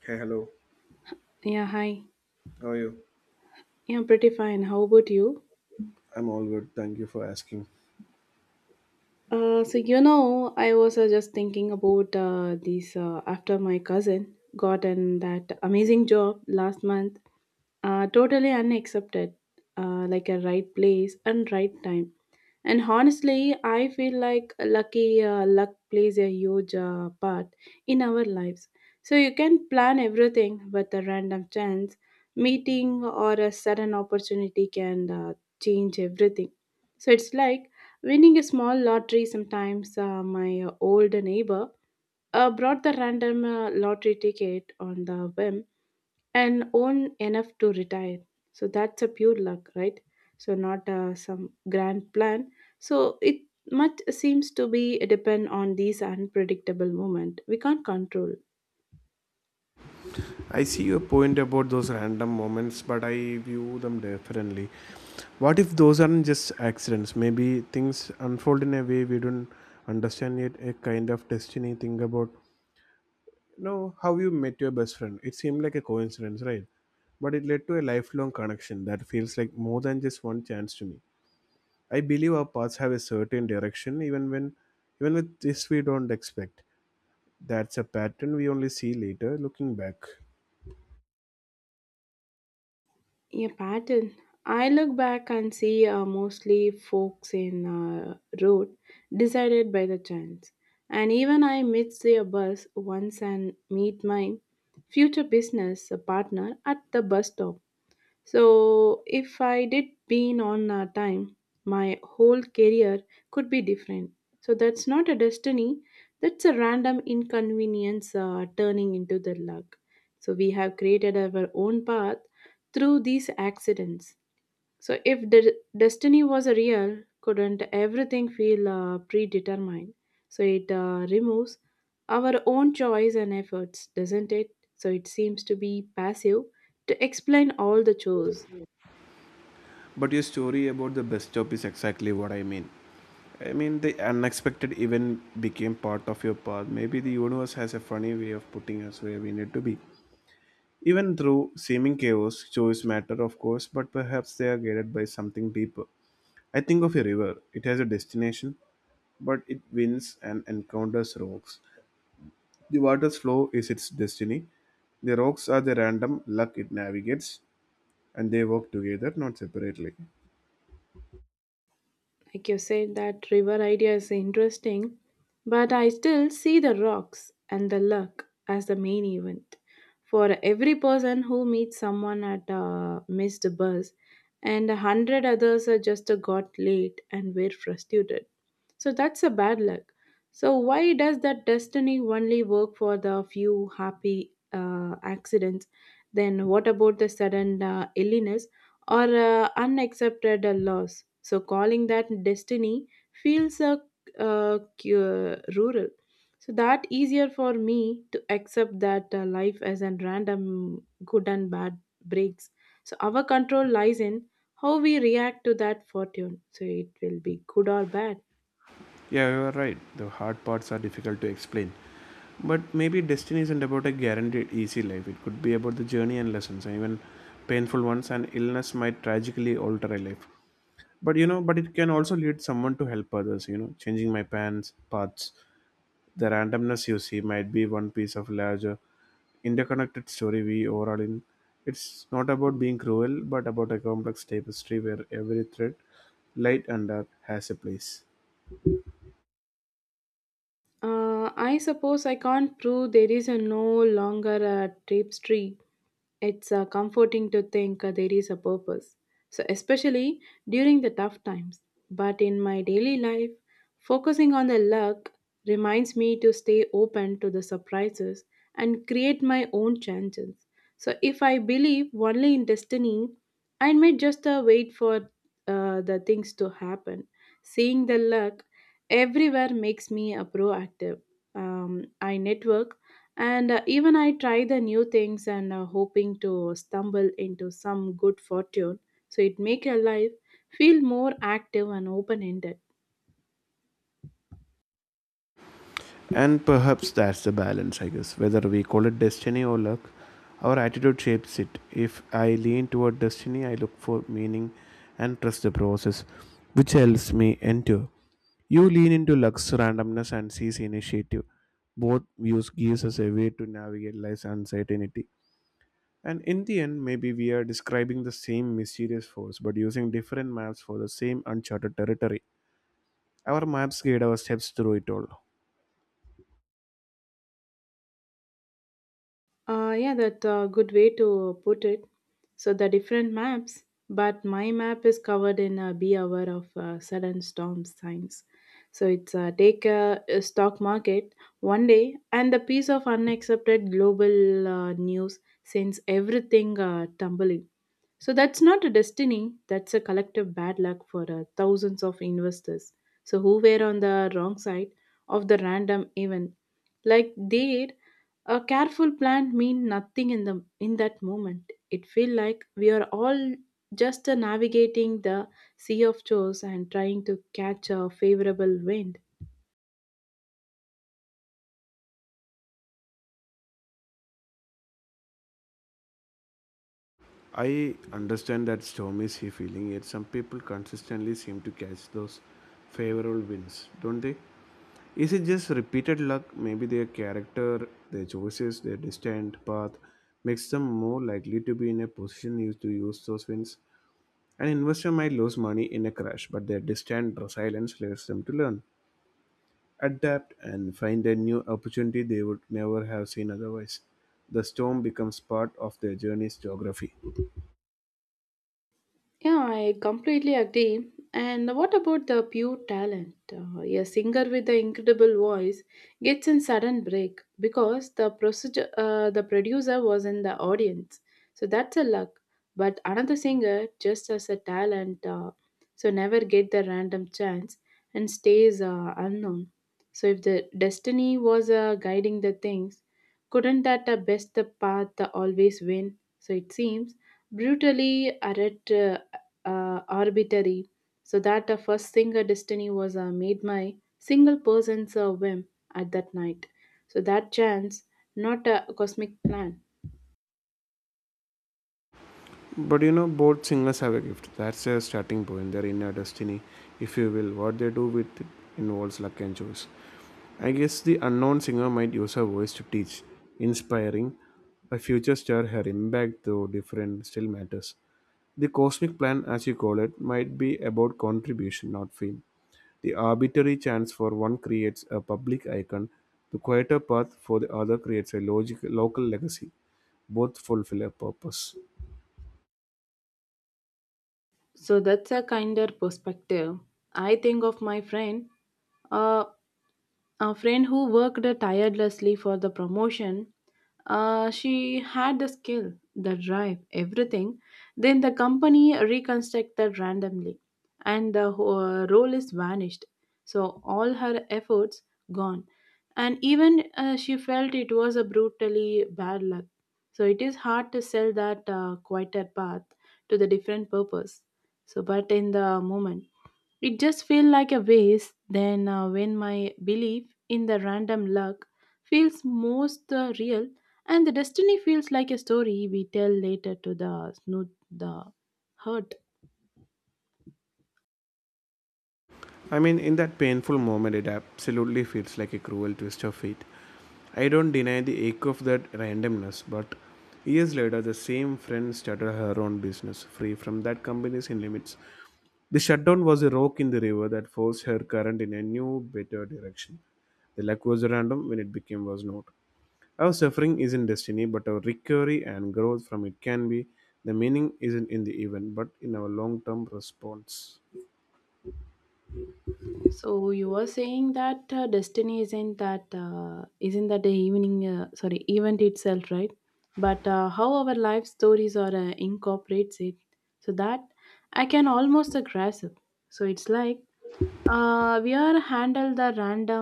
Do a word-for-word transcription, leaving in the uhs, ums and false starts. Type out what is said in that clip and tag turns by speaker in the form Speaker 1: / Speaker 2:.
Speaker 1: Hey, hello.
Speaker 2: Yeah, hi.
Speaker 1: How are you?
Speaker 2: Yeah, I'm pretty fine. How about you?
Speaker 1: I'm all good. Thank you for asking.
Speaker 2: Uh, so you know, I was uh, just thinking about uh, this uh, after my cousin got in that amazing job last month. Uh, totally unaccepted, uh, like a right place and right time. And honestly, I feel like lucky uh, luck plays a huge uh, part in our lives. So you can plan everything, but a random chance, meeting, or a sudden opportunity can uh, change everything. So it's like winning a small lottery. Sometimes uh, my old neighbor uh, brought the random uh, lottery ticket on the whim and own enough to retire. So that's a pure luck, right? So not uh, some grand plan. So it much seems to be depend on these unpredictable moment we can't control.
Speaker 1: I see your point about those random moments, but I view them differently. What if those aren't just accidents? Maybe things unfold in a way we don't understand yet, a kind of destiny. Think about you know how you met your best friend. It seemed like a coincidence, right? But it led to a lifelong connection that feels like more than just one chance to me. I believe our paths have a certain direction even when even with this we don't expect. That's a pattern we only see later looking back.
Speaker 2: Yeah, pattern. I look back and see uh, mostly folks in uh, road decided by the chance. And even I missed their bus once and meet my future business partner at the bus stop. So, if I did been on a time, my whole career could be different. So, that's not a destiny, that's a random inconvenience uh, turning into the luck. So, we have created our own path through these accidents. So, if the destiny was a real, couldn't everything feel uh, predetermined? So, it uh, removes our own choice and efforts, doesn't it? So, it seems to be passive to explain all the chores.
Speaker 1: But your story about the bus stop is exactly what I mean. I mean, the unexpected event became part of your path. Maybe the universe has a funny way of putting us where we need to be. Even through seeming chaos, choice matter, of course, but perhaps they are guided by something deeper. I think of a river. It has a destination, but it winds and encounters rocks. The water's flow is its destiny. The rocks are the random luck it navigates, and they work together, not separately.
Speaker 2: Like you said, that river idea is interesting, but I still see the rocks and the luck as the main event. For every person who meets someone at a missed bus, and a hundred others are just got late and were frustrated. So that's a bad luck. So why does that destiny only work for the few happy uh, accidents? Then what about the sudden uh, illness or uh, unaccepted uh, loss? So calling that destiny feels uh, uh, cu- uh, rural. So that easier for me to accept that uh, life as a random good and bad breaks. So our control lies in how we react to that fortune. So it will be good or bad.
Speaker 1: Yeah, you are right. The hard parts are difficult to explain. But maybe destiny isn't about a guaranteed easy life. It could be about the journey and lessons, and even painful ones. And illness might tragically alter a life. But you know, but it can also lead someone to help others. You know, changing my pants paths, the randomness you see might be one piece of larger interconnected story we overall in. It's not about being cruel, but about a complex tapestry where every thread, light and dark, has a place.
Speaker 2: Uh, I suppose I can't prove there is a no longer a tapestry. It's uh, comforting to think uh, there is a purpose. So, especially during the tough times. But in my daily life, focusing on the luck reminds me to stay open to the surprises and create my own chances. So, if I believe only in destiny, I might just uh, wait for uh, the things to happen. Seeing the luck everywhere makes me a proactive, um, I network and uh, even I try the new things and uh, hoping to stumble into some good fortune, so it make your life feel more active and open ended.
Speaker 1: And perhaps that's the balance, I guess. Whether we call it destiny or luck, our attitude shapes it. If I lean toward destiny, I look for meaning and trust the process, which helps me endure. You lean into luck's randomness and seize initiative. Both views gives us a way to navigate life's uncertainty. And in the end, maybe we are describing the same mysterious force, but using different maps for the same uncharted territory. Our maps guide our steps through it all.
Speaker 2: Uh, yeah, that's a good way to put it. So the different maps, but my map is covered in a B hour of uh, sudden storm signs. So it's uh, take a, a stock market one day, and the piece of unaccepted global uh, news sends everything uh, tumbling. So that's not a destiny, that's a collective bad luck for uh, thousands of investors. So who were on the wrong side of the random event. Like there, a careful plan mean nothing in the in that moment. It feel like we are all just uh, navigating the sea of chores and trying to catch a favorable wind.
Speaker 1: I understand that storm is he feeling, yet some people consistently seem to catch those favorable winds, don't they? Is it just repeated luck? Maybe their character, their choices, their destined path makes them more likely to be in a position used to use those winds. An investor might lose money in a crash, but their destined resilience leads them to learn, adapt, and find a new opportunity they would never have seen otherwise. The storm becomes part of their journey's geography.
Speaker 2: Yeah, I completely agree. And what about the pure talent? Uh, a singer with the incredible voice gets in sudden break because the procedure, uh, the producer was in the audience. So that's a luck. But another singer, just as a talent, uh, so never get the random chance and stays uh, unknown. So if the destiny was uh, guiding the things, couldn't that the best the path the always win? So it seems brutally arret, uh, uh, arbitrary, so that the first single destiny was uh, made my single person's uh, whim at that night. So that chance, not a cosmic plan.
Speaker 1: But you know, both singers have a gift. That's their starting point, their inner destiny, if you will. What they do with it involves luck and choice. I guess the unknown singer might use her voice to teach, inspiring a future star. Her impact, though different, still matters. The cosmic plan, as you call it, might be about contribution, not fame. The arbitrary chance for one creates a public icon, the quieter path for the other creates a logic, local legacy. Both fulfill a purpose.
Speaker 2: So that's a kinder perspective. I think of my friend uh, A friend who worked tirelessly for the promotion, uh, she had the skill, the drive, everything. Then the company reconstructed randomly, and the whole role is vanished. So all her efforts gone, and even uh, she felt it was a brutally bad luck. So it is hard to sell that uh, quieter path to the different purpose. So, but in the moment. It just feels like a waste then uh, when my belief in the random luck feels most uh, real, and the destiny feels like a story we tell later to the smooth the hurt.
Speaker 1: I mean, in that painful moment, it absolutely feels like a cruel twist of fate. I don't deny the ache of that randomness, but years later, the same friend started her own business, free from that company's in limits. The shutdown was a rock in the river that forced her current in a new, better direction. The luck was random when it became was not. Our suffering isn't destiny, but our recovery and growth from it can be. The meaning isn't in the event, but in our long term response.
Speaker 2: So you were saying that uh, destiny isn't that uh, isn't that the evening uh, sorry event itself, right? But uh, how our life stories are uh, incorporates it, so that I can almost uh, grasp. So it's like Uh, we are handle the random